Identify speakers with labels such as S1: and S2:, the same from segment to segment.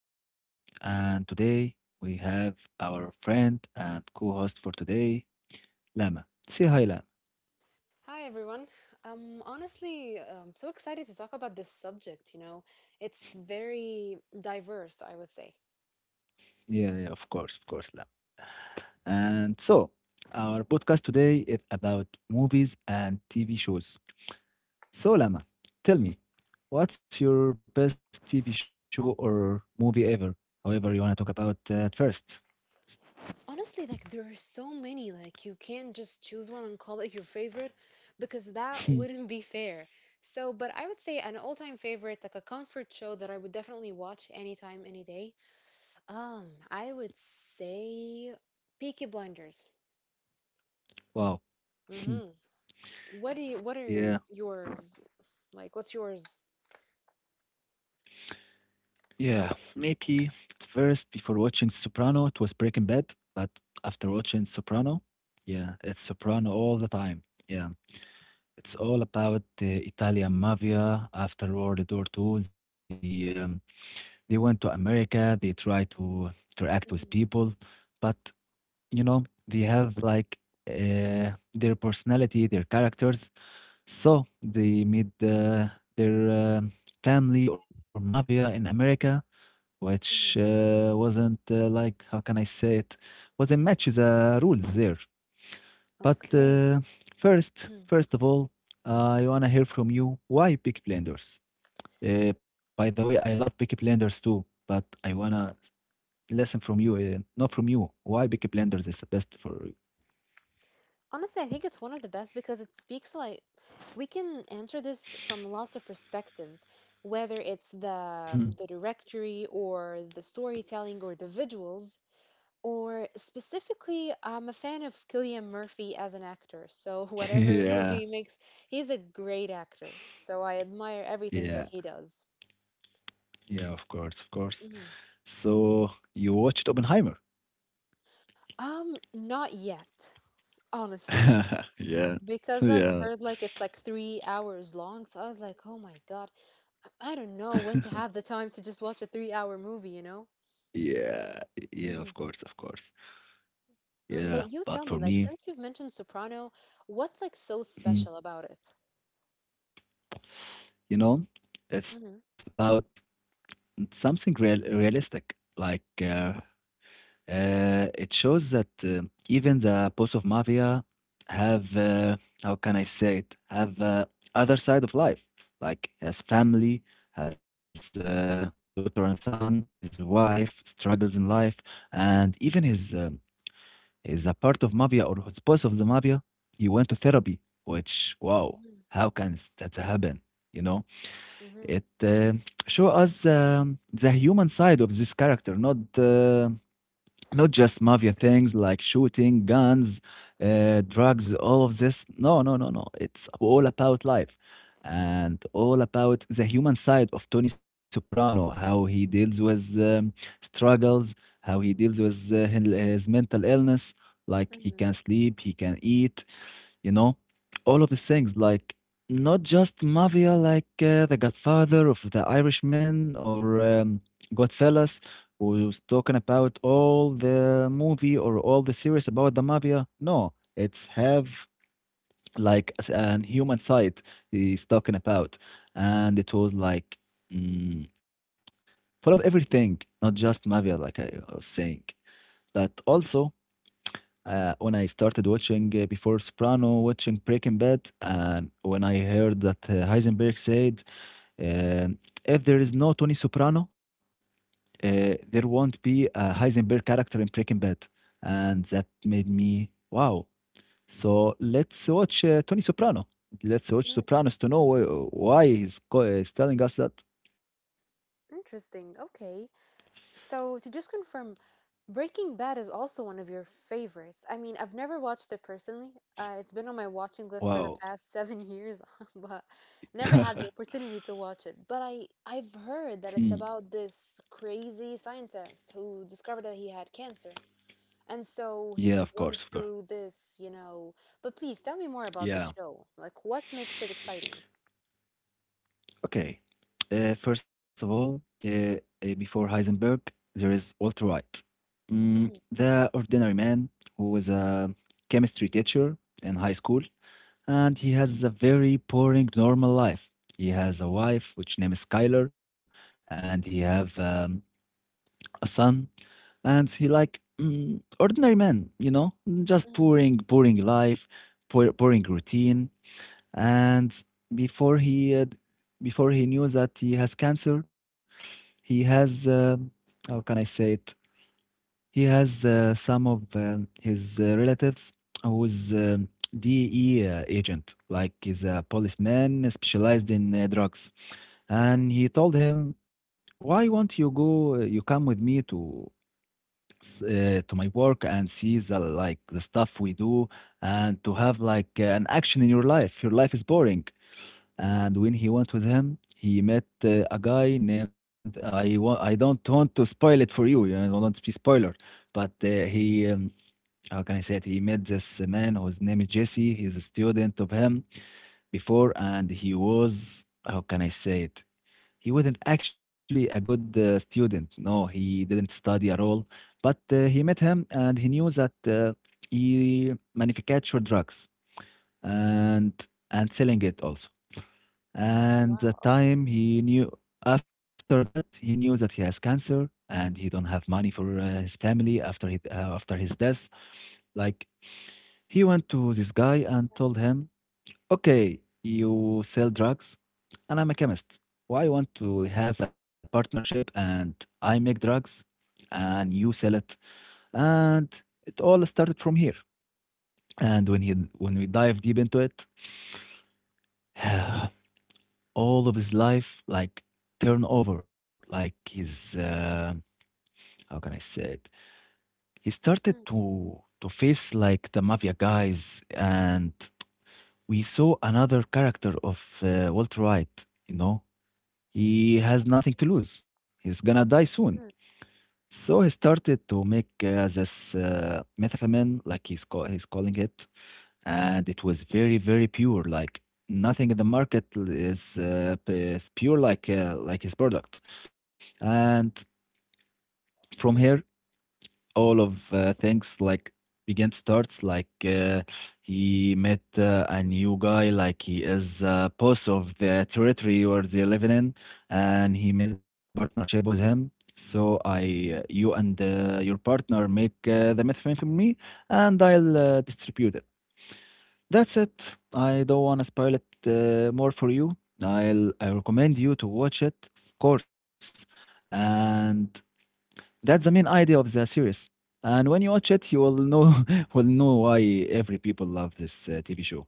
S1: This is Omar, and today we have our friend and co host for today, Lama. Say hi, Lama.
S2: Hi everyone. I'm honestly so excited to talk about this subject, you know. It's very diverse, I would say.
S1: Yeah, yeah, of course, Lama. And so, our podcast today is about movies and TV shows. So, Lama, tell
S2: Mm.
S1: me, what's your best TV show or movie ever? However, you want to talk about at first.
S2: Honestly, like there are so many, like you can't just choose one and call it your favorite because that wouldn't be fair. So, but I would say an all-time favorite, like a comfort show that I would definitely watch anytime, any day. I would say Peaky Blinders.
S1: wow.
S2: Mm-hmm. What are
S1: Yeah.
S2: yours? Like, what's yours?
S1: Yeah, maybe at first before watching Soprano, it was Breaking Bad, but after watching Soprano, yeah, it's Soprano all the time. Yeah, it's all about the Italian mafia after World War II. They went to America. They try to interact with
S2: Mm-hmm.
S1: people, but you know they have, like, their personality, their characters. So they meet their family or mafia in America, which wasn't, like, how can I say it, wasn't matches rules there. But
S2: Okay.
S1: first,
S2: Mhm.
S1: first of all, I wanna hear from you why Peaky Blinders. By the way, I love Peaky Blinders too, but I wanna listen from you, not from you. Why Peaky Blinders is the best for you?
S2: Honestly, I think it's one of the best because it speaks like we can answer this from lots of perspectives, whether it's
S1: Hmm.
S2: the directory or the storytelling or the visuals, or specifically, I'm a fan of Cillian Murphy as an actor. So whatever
S1: yeah,
S2: movie he makes, he's a great actor. So I admire everything that
S1: yeah,
S2: he does.
S1: yeah. Of course, of course.
S2: Mhm.
S1: So you watched Oppenheimer?
S2: Not yet, honestly,
S1: yeah,
S2: because I've
S1: yeah,
S2: heard like it's like 3 hours long. So I was like, oh my God. I don't know when to have the time to just watch a 3-hour movie, you know?
S1: yeah, yeah. Of
S2: Hmm.
S1: course, of course. Yeah,
S2: But you
S1: but
S2: tell
S1: for
S2: me, like,
S1: me,
S2: since you've mentioned Soprano, what's like so
S1: hmm,
S2: special about it?
S1: you know, it's
S2: Mm-hmm.
S1: about something realistic. Like, it shows that, even the boss of mafia have, how can I say it? Have other side of life. Like has family, has, daughter and son, his wife struggles in life, and even his, is a part of mafia or was part of the mafia, he went to therapy, which, wow,
S2: Mm-hmm.
S1: how can that happen? You know,
S2: Mm-hmm.
S1: it, show us, the human side of this character, not, not just mafia things like shooting, guns, drugs, all of this. No, no, no, no. It's all about life and all about the human side of Tony Soprano, how he deals with, struggles, how he deals with, his mental illness. Like he can sleep, he can eat, you know all of these things, like, not just mafia like, the godfather of the irishman, or, godfellas, who's talking about all the movie or all the series about the mafia. No, it's have like an human side he's talking about, and it was like, mm, full of everything, not just mafia like I was saying, but also, when I started watching, before Soprano, watching Breaking Bad, and when I heard that, Heisenberg said, uh, if there is no Tony Soprano, there won't be a Heisenberg character in Breaking Bad. And that made me, wow. So let's watch, Tony Soprano. Let's watch
S2: Mm-hmm.
S1: Sopranos to know why he's telling us that.
S2: Interesting. Okay. So, to just confirm, Breaking Bad is also one of your favorites. I mean, I've never watched it personally. It's been on my watching list for the
S1: Wow.
S2: past 7 years, but never had the opportunity to watch it. But I've heard
S1: Hmm.
S2: that it's about this crazy scientist who discovered that he had cancer. And so
S1: Yeah,
S2: he's
S1: of
S2: going
S1: course, of course.
S2: through this. But please tell me more about the
S1: Yeah.
S2: show. Like, what makes it exciting?
S1: Okay. First of all, before Heisenberg, there is Walter White,
S2: Mm,
S1: the ordinary man who was a chemistry teacher in high school, and he has a very boring normal life. He has a wife which name is Skyler, and he have, a son, and he like, ordinary man, you know, just
S2: mm,
S1: boring, boring life, poor, boring routine. And before he uh, before he knew that he has cancer, he has, how can I say it, he has, some of his, relatives who is DE, agent, like he's a policeman specialized in, drugs.
S2: mm,
S1: And he told him, why won't you come with me to to my work and see the, like, the stuff we do, and to have like an action in your life, your life is boring.
S2: mm,
S1: And when he went with him, he met, a guy named I don't want to spoil it for you. I don't want to be spoiler, but, he.
S2: mm.
S1: How can I say it? He met this man whose name is Jesse. He's a student of him before, and he was. How can I say it? He wasn't actually a good, student. No, he didn't study at all. But, he met him, and he knew that, he manufactured drugs, and selling it also. And the
S2: Wow, okay.
S1: time he knew, after that, he knew that he has cancer and he don't have money for, his family after he, after his death. Like, he went to this guy
S2: So
S1: and
S2: sad.
S1: told him, okay, you sell drugs and I'm a chemist, why want to have a partnership, and I make drugs and you sell it. And it all started from here. And when we dive deep into it, all of his life, like, turn over, like, his, how can I say it, he started
S2: Mm,
S1: to
S2: okay,
S1: to face like the mafia guys. And we saw another character of, Walter White. You know he has nothing to lose, he's gonna die soon.
S2: mm.
S1: So he started to make, this, methamphetamine, like he's calling it. And it was very, very pure, like, nothing in the market is pure like, like his products. And from here,
S2: Mhm.
S1: all of, things, like, began starts, like, he met, a new guy, like, he is, boss of the territory where they're living in. And he made partnership with him, so, I, you and, your partner make, the methamphetamine, and I'll, distribute it. That's it. I don't want to spoil it, more for you. I recommend you to watch it, of course. And that's the main idea of the series. And when you watch it, you will know, will know why every people love this, TV show.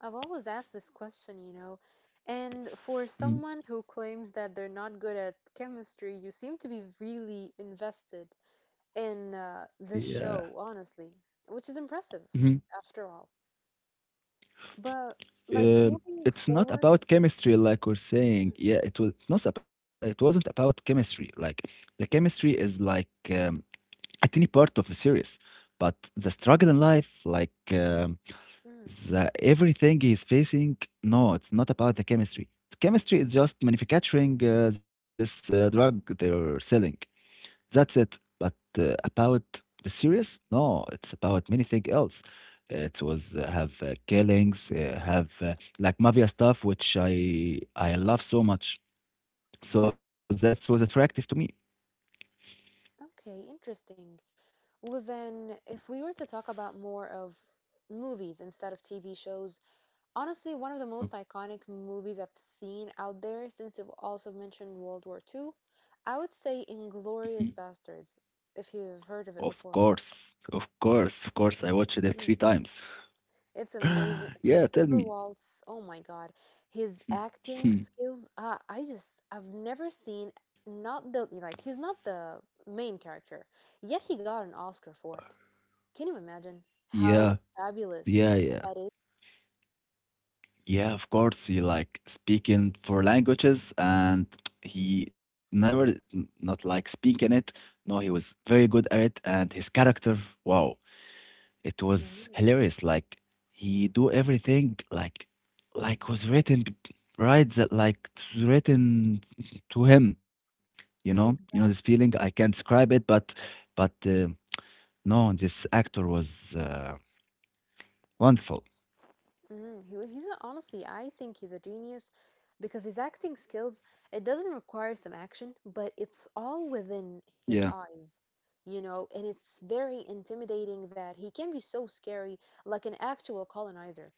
S2: I've always asked this question. And for
S1: Mm,
S2: someone who claims that they're not good at chemistry, you seem to be really invested in the
S1: yeah.
S2: show, honestly, which is impressive
S1: Mhm.
S2: after all. But like moving
S1: It's not
S2: forward,
S1: about chemistry like we're saying.
S2: mm,
S1: Yeah, it was not about, it wasn't about chemistry. Like, the chemistry is like, a tiny part of the series, but the struggle in life, like.
S2: mm,
S1: The everything he's facing, no, it's not about the chemistry. Chemistry is just manufacturing, this, drug they're selling. That's it. But, about the serious, no, it's about many things else. It was, have, killings, have, like, mafia stuff, which I love so much, so that was attractive to me.
S2: okay, interesting. Well, then, if we were to talk about more of movies instead of TV shows, honestly, one of the most iconic movies I've seen out there, since you've also mentioned World War II, I would say Inglorious Bastards, if you've heard of it
S1: Of
S2: before.
S1: course, of course, of course, I watched it three
S2: Mhm.
S1: times.
S2: It's amazing.
S1: yeah, tell
S2: Christopher
S1: me.
S2: Waltz, oh my God, his acting skills, I just, I've never seen, not the, like, he's not the main character, yet he got an Oscar for it. Can you imagine how
S1: yeah,
S2: fabulous
S1: yeah, yeah.
S2: that is?
S1: Yeah, of course. He like speaking four languages and he never, not like speaking it. No, he was very good at it, and his character, wow, it was
S2: Mhm.
S1: hilarious. Like, he do everything like was written right that, like, it's written to him, you know? You know this feeling, I
S2: Exactly.
S1: can't describe it, but but uh, no, this actor was, wonderful.
S2: Honestly, I think he's a genius because his acting skills, it doesn't require some action, but it's all within
S1: Yeah.
S2: his eyes, you know, and it's very intimidating that he can be so scary, like an actual colonizer.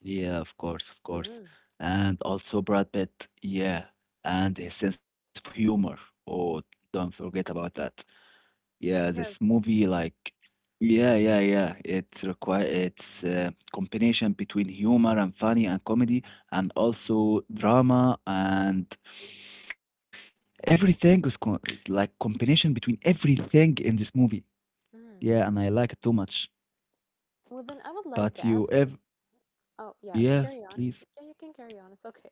S1: Yeah, of course, of course.
S2: Mm-hmm.
S1: And also Brad Pitt, yeah, and his sense of humor. Oh, don't forget about that. Yeah, this
S2: Yes.
S1: movie, like, yeah, yeah, yeah. It's a combination between humor and funny and comedy, and also drama, and everything is like combination between everything in this movie.
S2: Mm.
S1: Yeah, and I like it too much.
S2: Well, then I would like
S1: But
S2: to
S1: you
S2: ask you.
S1: ev
S2: Oh, yeah,
S1: Yeah,
S2: carry on.
S1: please.
S2: Yeah, you can carry on. It's okay.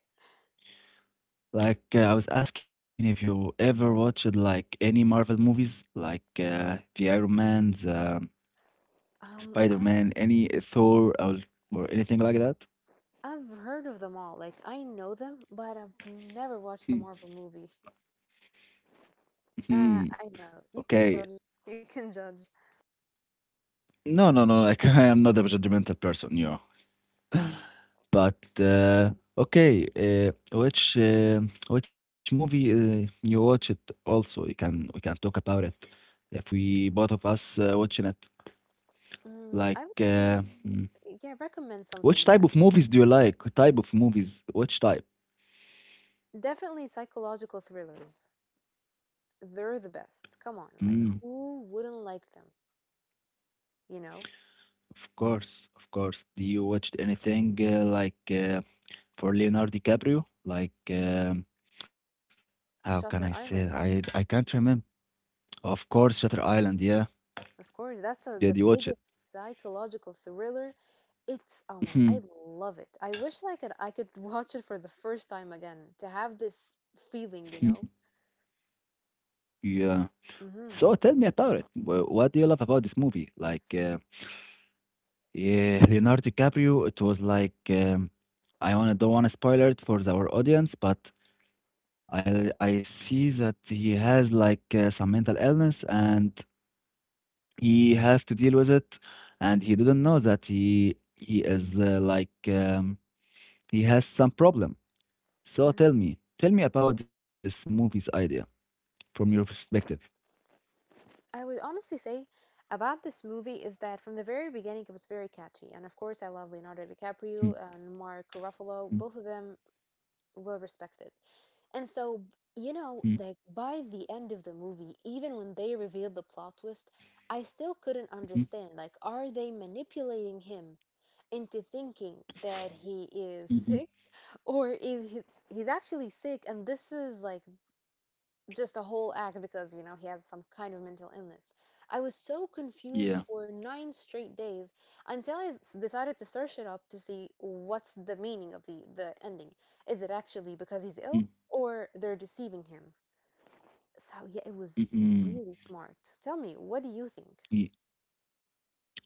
S1: Like, I was asking if you ever watched like any Marvel movies, like, the Iron Man's,
S2: Honestly,
S1: Spider-Man, any Thor, or anything like that?
S2: I've heard of them all. Like, I know them, but I've never watched a
S1: Hmm,
S2: Marvel movie.
S1: hmm.
S2: Uh, I know. You
S1: Okay.
S2: can judge. You can judge.
S1: No, no, no. Like, I am not a judgmental person. But,
S2: Mm,
S1: okay, which, which movie, you watch it also? You can we can talk about it if we, both of us, watching it.
S2: I
S1: Like,
S2: would say, yeah, recommend something.
S1: which
S2: Yeah.
S1: type of movies do you like? Type of movies? Which type?
S2: Definitely psychological thrillers. They're the best. Come on.
S1: Mm,
S2: Like, who wouldn't like them? You know?
S1: of course, of course. Do you watch anything, like, for Leonardo DiCaprio? Like, how can I say
S2: Shutter
S1: it? I
S2: Island.
S1: I can't remember. Of course, Shutter Island. Yeah,
S2: Of course. That's
S1: did
S2: the
S1: you watch it?
S2: biggest psychological thriller. It's, oh my, I love it. I wish I could watch it for the first time again to have this feeling, you know?
S1: Yeah. So
S2: Mm-hmm.
S1: tell me about it. What do you love about this movie? Like, yeah, Leonardo DiCaprio. It was like, I wanna don't wanna spoil it for our audience, but I see that he has, like, some mental illness, and he have to deal with it, and he didn't know that he is, he has some problem. So tell me about this movie's idea from your perspective.
S2: I would honestly say about this movie is that from the very beginning it was very catchy, and of course I love Leonardo DiCaprio and Mark Ruffalo. Both of them well respected, and so
S1: Mm,
S2: you
S1: mm,
S2: know, like by the end of the movie, even when they revealed the plot twist, I still couldn't
S1: mm, mm,
S2: understand. Like, are they manipulating him into thinking that he is
S1: mm, mm.
S2: sick, or is he's actually sick, and this is like just a whole act because you know he has some kind of mental illness. I was so
S1: Yeah.
S2: confused for 9 straight days until decided to search it up to see what's the meaning of the ending. Is it actually because he's ill
S1: Mm,
S2: or they're deceiving him? So yeah,
S1: mm,
S2: it was
S1: mm.
S2: really smart. Tell me, what do you think?
S1: Ye-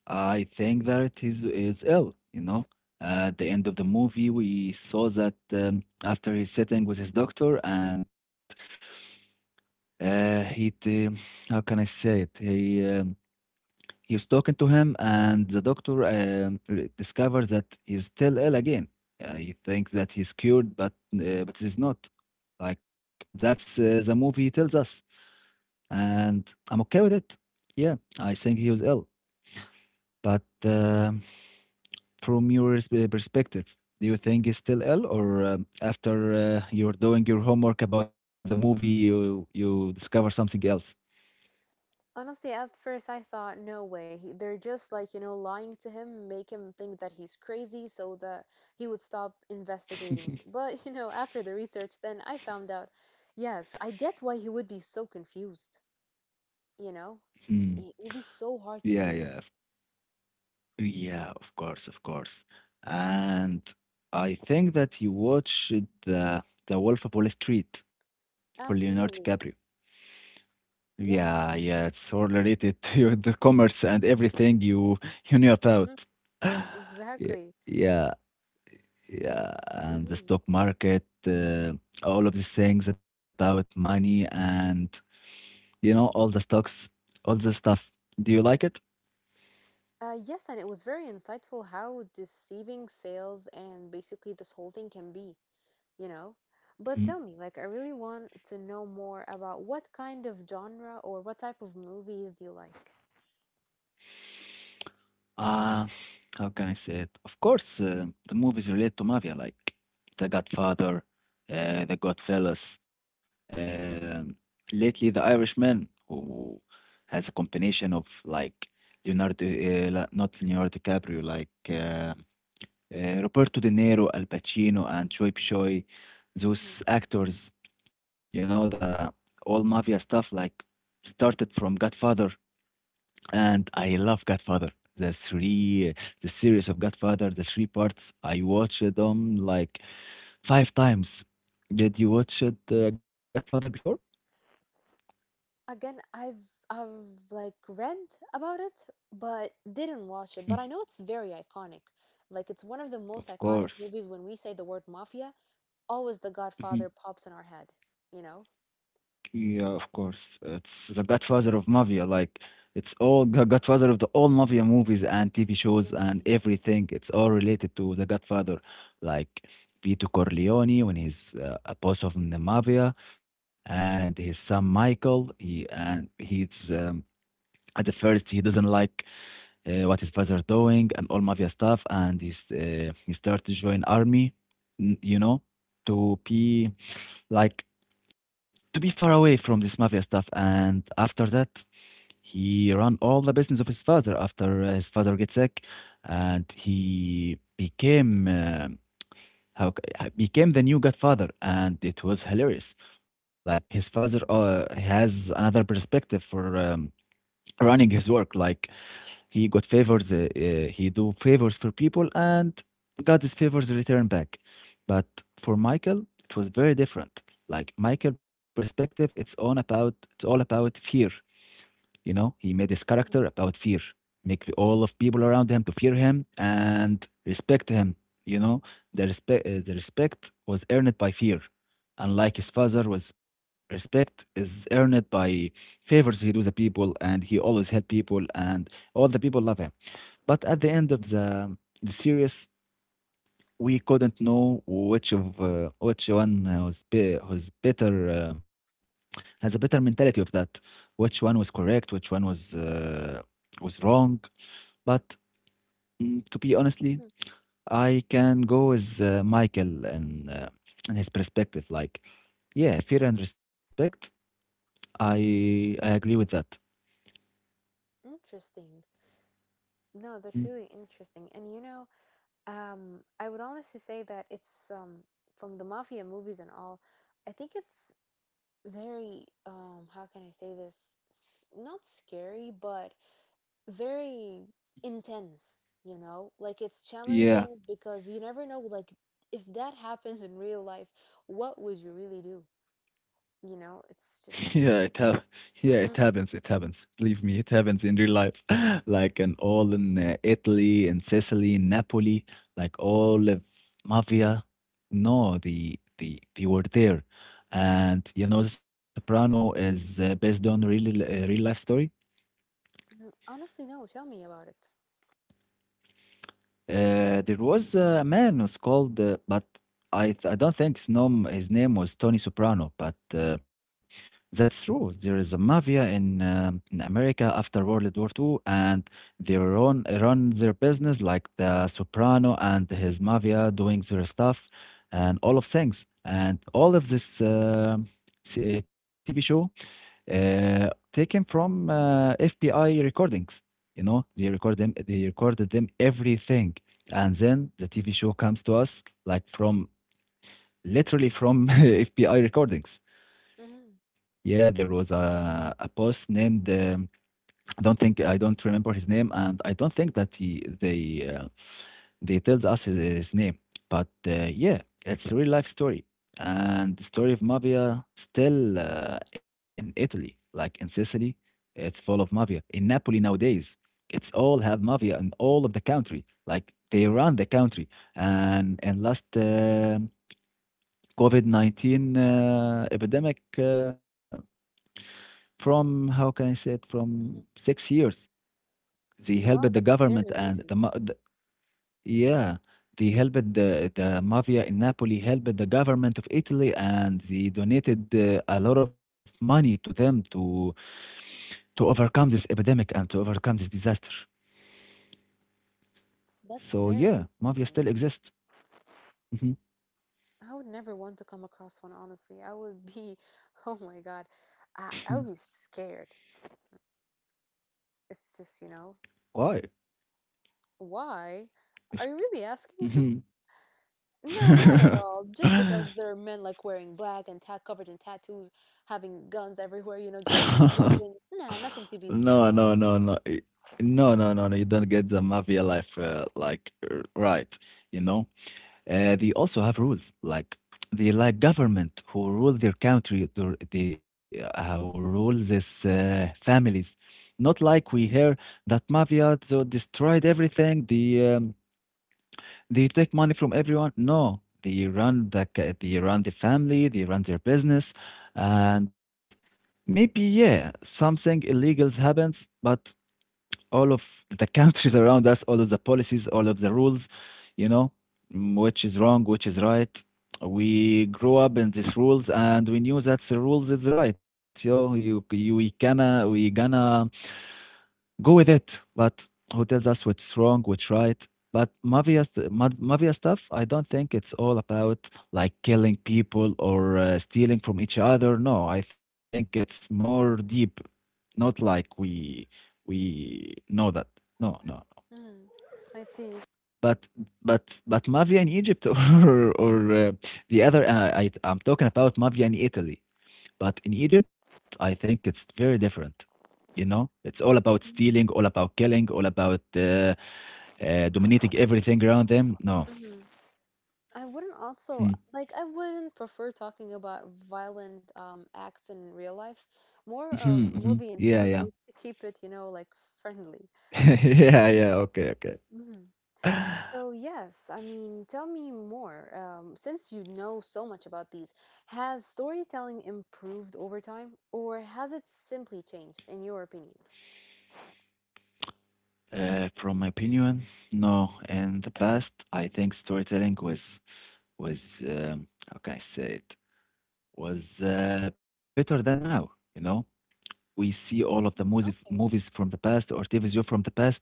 S1: I think that it is ill. At the end of the movie, we saw that, after he's sitting with his doctor and Uh, he t- how can I say it? He was talking to him, and the doctor, discovers that he's still ill again. He thinks that he's cured, but he's not. Like that's the movie tells us, and I'm okay with it. Yeah, I think he was ill, but from your perspective, do you think he's still ill, or after you're doing your homework about the movie, you discover something else?
S2: Honestly, at first I thought, no way. They're just like, you know, lying to him, make him think that he's crazy so that he would stop investigating. But, you know, after the research, then I found out, yes, I get why he would be so confused. You know,
S1: Hmm.
S2: it would be so hard to
S1: Yeah,
S2: believe.
S1: yeah, Yeah, of course, of course. And I think that you watched The Wolf of Wall Street for Leonardo DiCaprio.
S2: Absolutely.
S1: Yeah,
S2: Yes.
S1: yeah, it's all related to the commerce and everything you knew
S2: Mm,
S1: about. Yeah,
S2: exactly.
S1: yeah, yeah, and the
S2: Hmm.
S1: stock market, all of these things about money and you know all the stocks, all the stuff. Do you like it?
S2: Yes, and it was very insightful how deceiving sales and basically this whole thing can be. you know. But tell me, like, I really want to know more about what kind of genre or what type of movies do you like?
S1: Uh, how can I say it? Of course, the movies relate to mafia, like The Godfather,
S2: Hmm.
S1: The Godfellas. Um Lately, The Irishman, who has a combination of like Leonardo, not Leonardo DiCaprio, like Roberto De Niro, Al Pacino, and Choi Choi, those
S2: Hmm.
S1: actors. You know the all mafia stuff like started from Godfather, and I love Godfather. The three, the series of Godfather, the three parts. I watched them like 5 times. Did you watch it, Godfather before?
S2: Again, I've like read about it, but didn't watch it.
S1: Mm.
S2: But I know it's very iconic. Like, it's one of the most
S1: Of
S2: iconic
S1: course.
S2: movies. When we say the word mafia, always The
S1: Mm-hmm.
S2: Godfather pops in our head, you know.
S1: Yeah, of course. It's the godfather of mafia. Like, it's all the godfather of the all mafia movies and TV shows and
S2: Mhm,
S1: everything. It's all related to the godfather. Like, Vito Corleone, when he's a boss of the mafia, and his son Michael. He's at the first he doesn't like what his
S2: mhm,
S1: father doing and all mafia stuff, and he starts to join army. You know, to be like to be far away from this mafia stuff. And after that, he run all the business of his father after his father gets sick, and he became the new godfather, and it was hilarious. Like his father
S2: mhm,
S1: has another perspective for running his work. Like he got favors. He do favors for people, and got his favors returned back. But for Michael, it was very different. Like Michael' perspective, it's all about fear. You know, he made his character
S2: mhm,
S1: about fear, make all of people around him to fear him and respect him. You know, the respect was earned by fear. Unlike
S2: mhm,
S1: his father, was respect is earned by favors he do the people, and he always help people, and all the people love him. But at the end of the series, we couldn't know which of which one was better has a better mentality of that. Which one was correct? Which one was wrong? But to be honestly,
S2: mhm.
S1: I can go with Michael and and his perspective. Like, yeah, fear and respect. I I agree with that.
S2: Interesting. No, that's
S1: Mm.
S2: really interesting. I would honestly say that it's from the mafia movies and all. I think it's very how can I say this? Not scary, but very intense. You know, like it's challenging
S1: Yeah.
S2: because you never know. Like if that happens in real life, what would you really do? You know, it's just.
S1: Yeah, it hap- yeah,
S2: Mhm,
S1: it happens. It happens. Believe me, it happens in real life. Like and all in Italy, in Sicily, in Napoli, like all of mafia. No, they were there, and you know, The Soprano is based on real real life story.
S2: mhm. Honestly, no. Tell me about it.
S1: There was a man who's called, but I don't think his name was Tony Soprano, but that's true. There is a mafia in America after World War Two, and they run their business like the Soprano and his mafia doing their stuff and all of things and all of this TV show taken from FBI recordings. You know, they record them. They recorded them everything, and then the TV show comes to us like from literally from FBI recordings.
S2: Hmm.
S1: Yeah, there was a boss named. I don't remember his name, and I don't think that he they tells us his name, but yeah, it's a real life story, and the story of mafia still in Italy, like in Sicily, it's full of mafia. In Napoli nowadays, it's all have mafia in all of the country, like they run the country. And last COVID-19 epidemic from how can I say it from
S2: Hmm.
S1: 6 years, they helped the
S2: Wow, that's
S1: government
S2: very
S1: and the,
S2: recent.
S1: ma- the Yeah, they helped the mafia in Napoli, helped the government of Italy, and they donated a lot of money to them to overcome this epidemic and to overcome this disaster.
S2: That's
S1: So
S2: very
S1: yeah, mafia
S2: interesting.
S1: still exists. Mhm.
S2: I would never want to come across one, honestly. I would be, oh my God, I, I would be scared. It's just, you know,
S1: Why?
S2: why? Are
S1: It's-
S2: you really asking this?
S1: Mhm.
S2: No, not at all. Just because there are men like wearing black and ta covered in tattoos, having guns everywhere, you know, just weapons. Nah, nothing to be scared
S1: No,
S2: of.
S1: no, no, no. No, no, no, no. You don't get the mafia life like right, you know? They also have rules like they like government who rule their country, they who rule these families. Not like we hear that mafia so destroyed everything. They they take money from everyone. No, they run they run the family, they run their business, and maybe yeah, something illegals happens, but all of the countries around us, all of the policies, all of the rules, you know, which is wrong, which is right. We grew up in these rules and we knew that's the rules is right. Yo, you we gonna go with it. But who tells us what's wrong, what's right? But mafia, mafia stuff, I don't think it's all about like killing people or stealing from each other. No, I think it's more deep, not like we know that. No, no.
S2: Mm, I see.
S1: But but mafia in Egypt or the other. I'm talking about mafia in Italy. But in Egypt, I think it's very different. You know, it's all about stealing, all
S2: Mm-hmm,
S1: about killing, all about dominating everything around them. No.
S2: mm-hmm. I wouldn't also
S1: Mm.
S2: like I wouldn't prefer talking about violent acts in real life.
S1: Mhm,
S2: More of
S1: mhm.
S2: movie
S1: Yeah,
S2: and
S1: yeah.
S2: TV shows to keep it, you know, like friendly.
S1: Yeah, yeah. Okay, okay.
S2: Hmm. So yes, I mean, tell me more. Since you know so much about these, has storytelling improved over time, or has it simply changed, in your opinion?
S1: From my opinion, no. In the past, I think storytelling was how can I say it was better than now. You know, we see all of the movies
S2: Mm,
S1: movies
S2: okay.
S1: from the past or TV show from the past.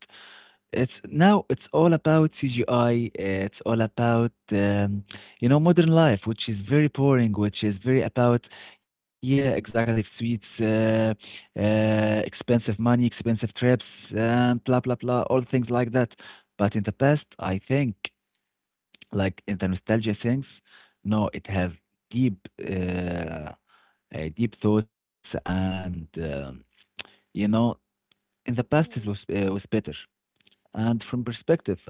S1: It's now it's all about CGI. It's all about you know modern life, which is very boring, which is very about yeah executive suites, expensive money, expensive trips, and blah blah blah, all things like that. But in the past, I think like in the nostalgia things, no, it have deep deep thoughts and you know in the past it
S2: Hmm.
S1: was better. And from perspective,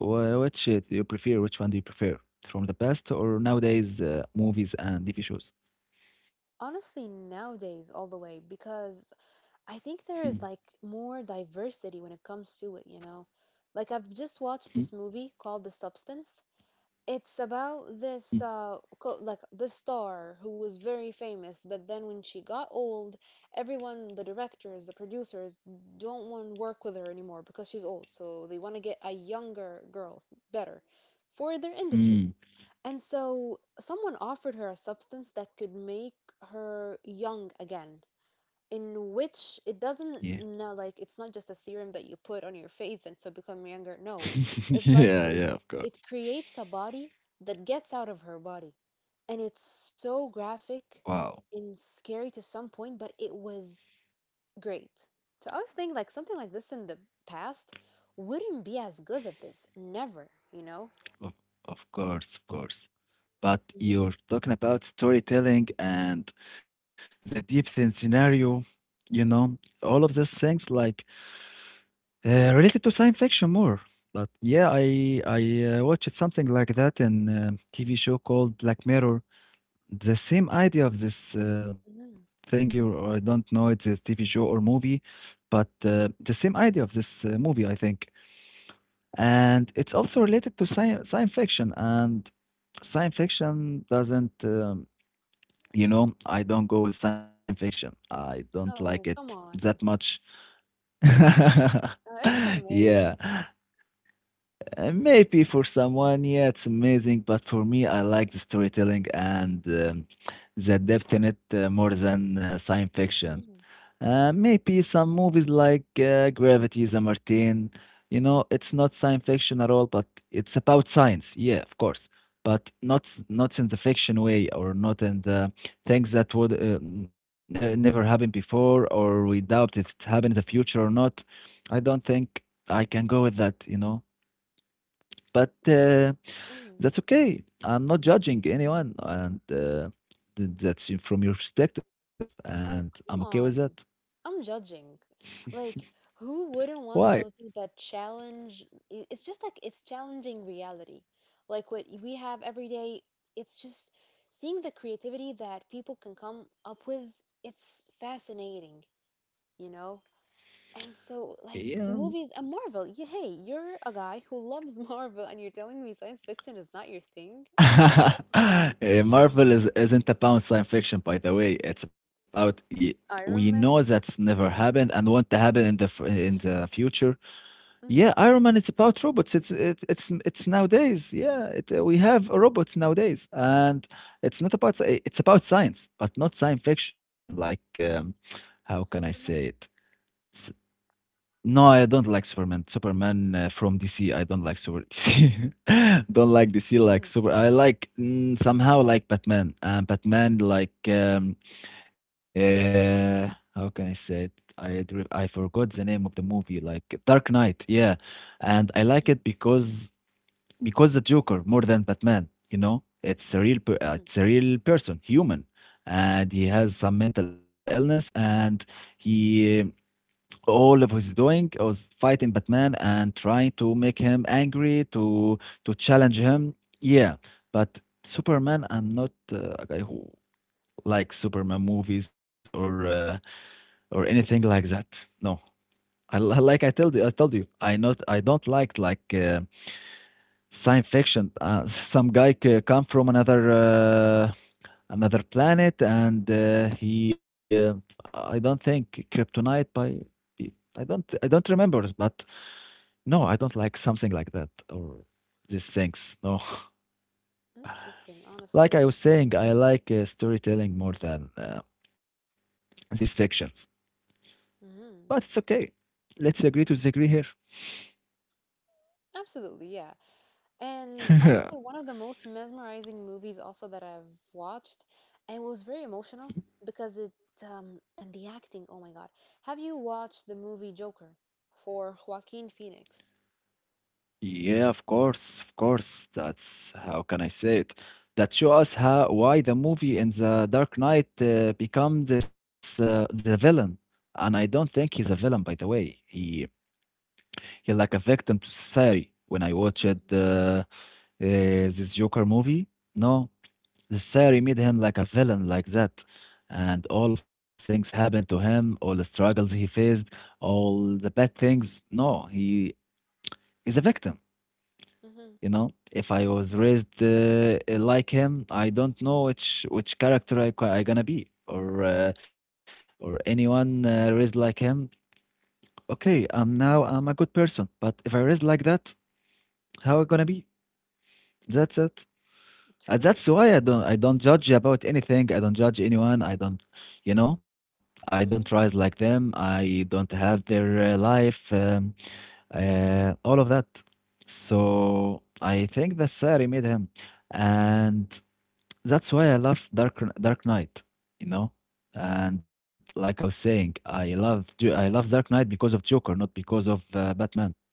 S1: Which do you prefer? Which one do you prefer from the past or nowadays movies and TV shows?
S2: Honestly, nowadays, all the way, because I think
S1: Hmm,
S2: there is like more diversity when it comes to it. Like I've just watched
S1: hmm,
S2: this movie called The Substance. It's about this
S1: hmm,
S2: like the star who was very famous, but then when she got old, everyone, the directors, the producers don't want to work with her anymore because she's old. So they want to get a younger girl, better for their industry.
S1: hmm.
S2: And so someone offered her a substance that could make her young again, in which it
S1: Yeah.
S2: doesn't, no, like it's not just a serum that you put on your face and to become younger, no, it's like
S1: Yeah,
S2: you
S1: yeah, of
S2: it
S1: course.
S2: creates a body that gets out of her body, and it's so graphic
S1: Wow.
S2: and scary to some point, but it was great. So I was thinking, like, something like this in the past wouldn't be as good at this, never.
S1: Of, of course, of course. But
S2: Hmm.
S1: you're talking about storytelling and the deep thin scenario, you know, all of these things like related to science fiction more. But yeah, I watched something like that in a TV show called Black Mirror. The same idea of this
S2: Hmm.
S1: thing you or I don't know it's a TV show or movie, but the same idea of this movie I think, and it's also related to science fiction, and science fiction doesn't you know I don't go with science fiction, I don't like
S2: Oh,
S1: it
S2: come
S1: that
S2: on.
S1: much.
S2: It's amazing.
S1: Yeah, maybe for someone yeah it's amazing, but for me I like the storytelling and the depth in it more than science fiction.
S2: Hmm.
S1: Maybe some movies like Gravity, The Martin. You know, it's not science fiction at all, but it's about science. Yeah, of course, but not in the fiction way, or not in the things that would ne never happen before, or we doubt if it happened in the future or not. I don't think I can go with that. You know, but
S2: Like, mhm.
S1: that's okay. I'm not judging anyone, and that's from your perspective, and
S2: Oh,
S1: I'm okay with
S2: come
S1: that.
S2: on. I'm judging. Like, who wouldn't
S1: Why?
S2: want something that challenge? It's just like it's challenging reality. Like what we have every day, it's just seeing the creativity that people can come up with, it's fascinating, you know? And so, like,
S1: Yeah,
S2: movies and Marvel, hey, you're a guy who loves Marvel and you're telling me science fiction is not your thing? Oh, come on.
S1: Marvel is, isn't about science fiction, by the way. We know
S2: Iron
S1: that's
S2: Man?
S1: never happened and won't happen in the in the future. Yeah,
S2: Mm.
S1: Iron Man. It's about robots. It's nowadays. Yeah, we have robots nowadays, and it's about science, but not science fiction. Like, how can I say it?
S2: Superman?
S1: No, I don't like Superman. Superman from DC. I don't like Super DC. Don't like DC like
S2: Mm-hmm.
S1: Super. I like somehow like Batman. And Batman like uh how can I say it? I forgot the name of the movie like Dark Knight. Yeah. And I like it because the Joker more than Batman, you know? It's a real per it's a real person, human. And he has some mental illness and he all of his doing was fighting Batman and trying to make him angry to challenge him. Yeah, but Superman, I'm not a guy who likes Superman movies or or anything like that. No, I like I told you, I not I don't like like science fiction. Some guy come from another. Another planet and he I don't think kryptonite by I don't remember, but no, I don't like something like that or these things. No.
S2: Interesting,
S1: Like
S2: honestly.
S1: I was saying, I like storytelling more than these fictions. But it's
S2: Hmm.
S1: okay. Let's agree to disagree here.
S2: Absolutely, yeah. And honestly, one of the most mesmerizing movies also that I've watched, and it was very emotional because it and the acting, oh my God. Have you watched the movie Joker for Joaquin Phoenix?
S1: Yeah, of course, of course. That's, how can I say it? That show us how why the movie in the Dark Knight become this the villain. And I don't think he's a villain, by the way. He's like a victim to society. When I watched
S2: Hmm.
S1: this Joker movie, no, necessary made him like a villain like that. And all of things happened to him, all the struggles he faced, all the bad things. No, he is a victim,
S2: Hmm.
S1: you know. If I was raised like him, I don't know which character I gonna be, or anyone raised like him. Okay, I'm now I'm a good person, but if I raised like that, how I gonna be? That's it.
S2: True.
S1: That's why I don't judge about anything. I don't judge anyone. I don't, you know, I don't rise like
S2: Mm-hmm.
S1: them. I don't have their life, all of that. So I think that's Sari made him, and that's why I love Dark Knight, you know. And like I was saying, I love I love Dark Knight because of Joker, not because of Batman.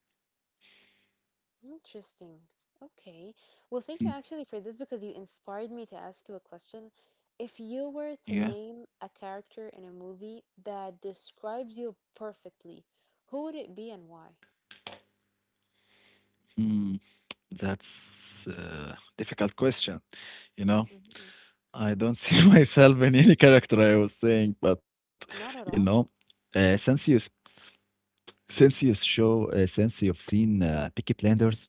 S2: Interesting. Okay. Well, thank you
S1: Hmm.
S2: actually for this because you inspired me to ask you a question. If you were to
S1: Yeah.
S2: name a character in a movie that describes you perfectly, who would it be and why?
S1: Hmm, that's difficult question, you know.
S2: Hmm.
S1: I don't see myself in any character I was saying, but you
S2: Not at
S1: know,
S2: all?
S1: uh, since you s- since you show since you've seen Peaky Blinders,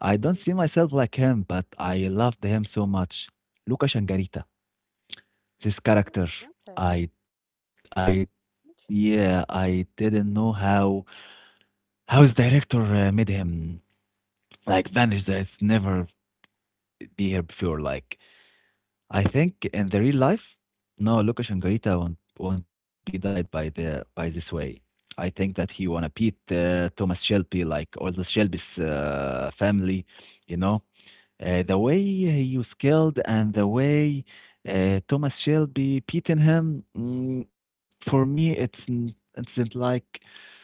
S1: I don't
S2: Hmm.
S1: see myself like him, but I loved him so much. Luca Shangarita, this character, I
S2: Okay.
S1: I yeah,
S2: Interesting.
S1: I didn't know how his director made him like vanish that never be here before. Like I think in the real life, no, Lucas Angarita won't be died by the by this way. I think that he wanna beat Thomas Shelby, like all the Shelby's family, you know. The
S2: Mhm.
S1: way he was killed and the way Thomas Shelby beaten him, mm, for me, it's it's not like,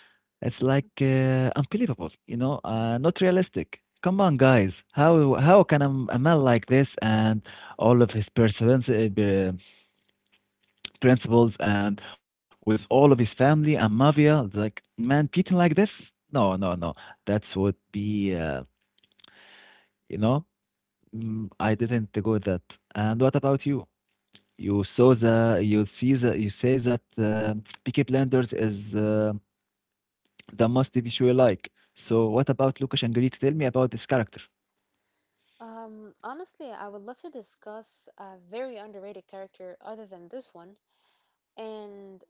S1: it's like unbelievable, you know, not realistic. Come on, guys. How can a, a man like this and all of his perseverance, principles, and with all of his family and mafia, like man beaten like this? No, no, no. That would be, you know, mm, I
S2: Mhm.
S1: didn't go with that. And what about you? You say that Peaky Blinders is the must TV show you sure like. So what about Lucas and Greek? Tell me about this character.
S2: Honestly, I would love to discuss a very underrated character other than this one. And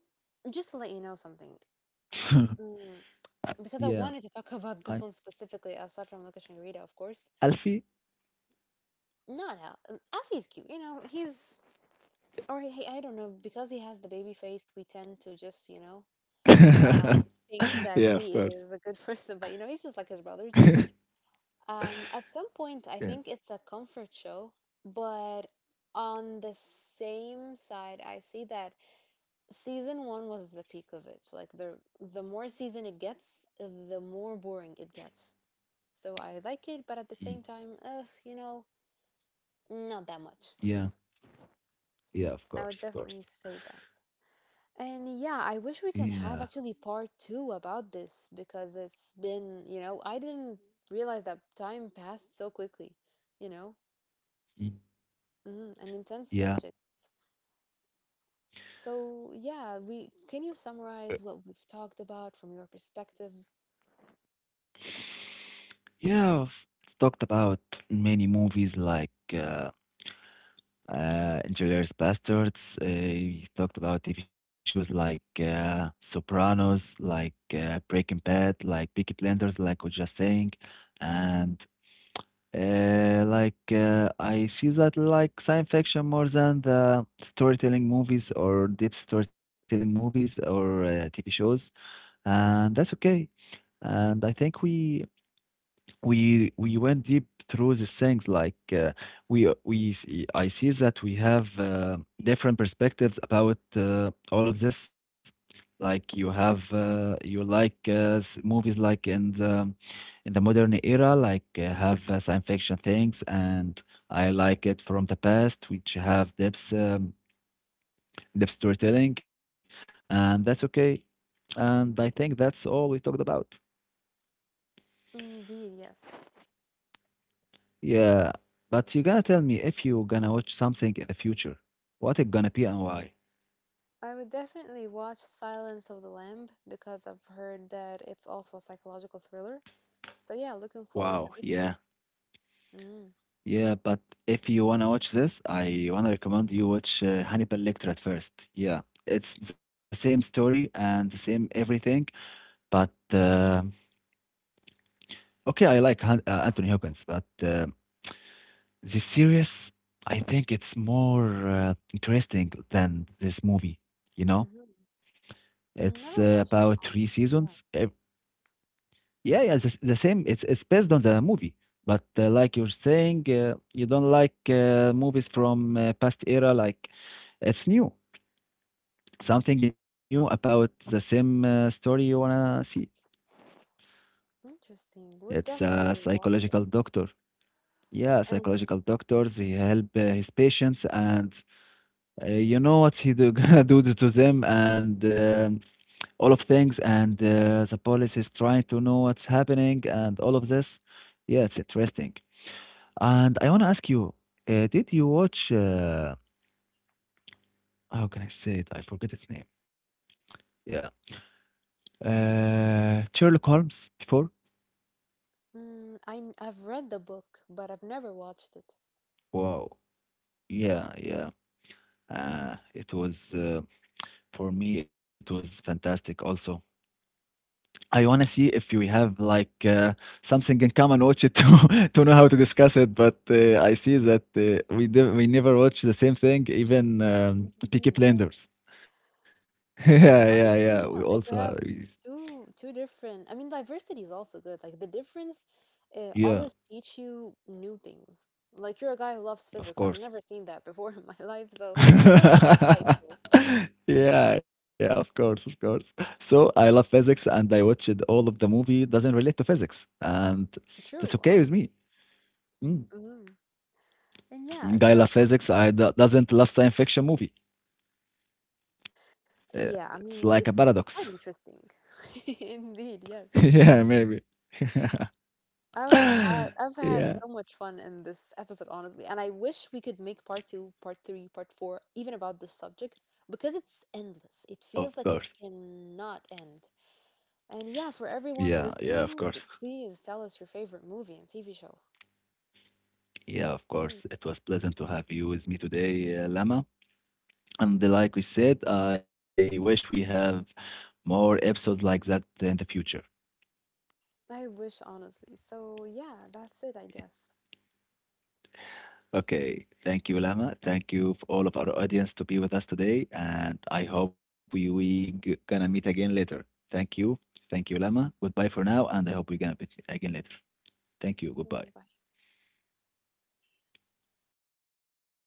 S2: just to let you know something, because
S1: Yeah,
S2: I wanted to talk about
S1: I
S2: this one specifically, aside from Lucas and Rita, of course.
S1: Alfie.
S2: Not Al. Afi's cute, you know. He's, or he, I don't know because he has the baby face. We tend to just uh,
S1: Yeah.
S2: think that
S1: Yeah, of
S2: he
S1: course.
S2: is a good person, but you know he's just like his brothers. At some point, I
S1: Yeah.
S2: think it's a comfort show, but on the same side, I see that season one was the peak of it. Like the more season it gets, the more boring it gets. So I like it, but at the
S1: Mm.
S2: same time, not that much.
S1: Yeah, yeah, of
S2: I would
S1: course, of
S2: definitely
S1: course.
S2: say that. And yeah, I wish we
S1: Yeah.
S2: can have actually part two about this, because it's been, I didn't realize that time passed so quickly, you know,
S1: Mm,
S2: an intense
S1: yeah,
S2: subject. So yeah, we can you summarize what we've talked about from your perspective?
S1: yeah. Talked about many movies like Inglorious Bastards. You talked about TV shows like Sopranos, like Breaking Bad, like Peaky Blinders, like we was just saying, and like I see that like science fiction more than the storytelling movies or deep storytelling movies or TV shows, and that's okay. And I think we went deep through these things, like I see that we have different perspectives about all of this. Like you have you like movies like in the modern era, like have science fiction things, and I like it from the past which have depth, depth
S2: Mm.
S1: storytelling, and that's okay, and I think that's all we talked about.
S2: Indeed, yes.
S1: Yeah, but you gonna tell me, if you gonna watch something in the future, what it gonna be and why?
S2: I would definitely watch Silence of the Lamb because I've heard that it's also a psychological thriller. So yeah, looking forward
S1: Wow,
S2: to this
S1: yeah,
S2: one. Mm.
S1: yeah. But if you wanna watch this, I wanna recommend you watch Hannibal Lecter at first. Yeah, it's the same story and the same everything. But um, okay, I like Han Anthony Hopkins, but this series, I think it's more interesting than this movie. You know,
S2: Hmm.
S1: it's
S2: Never
S1: about
S2: watched
S1: three
S2: it,
S1: seasons.
S2: honestly. Yeah,
S1: Yeah, yeah, the same. It's based on the movie, but like you're saying, you don't like movies from past era. Like it's new, something new about the same story you wanna see.
S2: interesting. Would
S1: It's a
S2: definitely watch it.
S1: psychological doctor. Yeah,
S2: And
S1: psychological doctors. He help his patients, and you know what he do, gonna do to them, and um, all of things, and the police is trying to know what's happening, and all of this. Yeah, it's interesting. And I want to ask you, did you watch, how can I say it? I forget its name. Yeah. Sherlock Holmes before?
S2: I've read the book, but I've never watched it.
S1: Wow. Yeah, yeah. It was, for me, it was fantastic also. I want to see if you have like something in common, watch it to to know how to discuss it. But I see that we never watch the same thing, even Peaky
S2: Indeed, yes.
S1: Blinders. Yeah, yeah,
S2: Honestly,
S1: yeah.
S2: yeah.
S1: We
S2: Like we
S1: also
S2: have
S1: have, we-
S2: two different. I mean, diversity is also good. Like the difference, always
S1: Yeah,
S2: teach you new things. Like you're a guy who loves physics.
S1: of
S2: I've
S1: course.
S2: never seen that before in my life, so that was insightful.
S1: Yeah, yeah, of course, of course. So I love physics and I watched all of the movie doesn't relate to physics, and that's
S2: True,
S1: okay with
S2: honestly.
S1: me. Mm.
S2: Hmm. And yeah,
S1: Guy
S2: so.
S1: love physics, doesn't love science fiction movie. Yeah,
S2: Yeah,
S1: it's
S2: I
S1: like a
S2: mean it's
S1: paradox.
S2: it's quite interesting. Indeed, yes.
S1: Yeah, maybe.
S2: I've had
S1: Yeah,
S2: so much fun in this episode, honestly, and I wish we could make part two, part three, part four, even about this subject, because it's endless.
S1: of
S2: It
S1: course.
S2: feels like it cannot end. And yeah, for
S1: Yeah,
S2: everyone
S1: yeah, of course.
S2: listening, please tell us your favorite movie and TV show.
S1: Yeah, of
S2: Mhm.
S1: course. It was pleasant to have you with me today, Lama. And like we said, I wish we have more episodes like that in the future.
S2: I wish, honestly. So yeah, that's it, I guess.
S1: Okay, thank you, Lama. Thank you for all of our audience to be with us today, and I hope gonna meet again later. Thank you, thank you, Lama. Goodbye for now, and I hope we gonna meet again later. Thank you. Goodbye.
S2: Goodbye.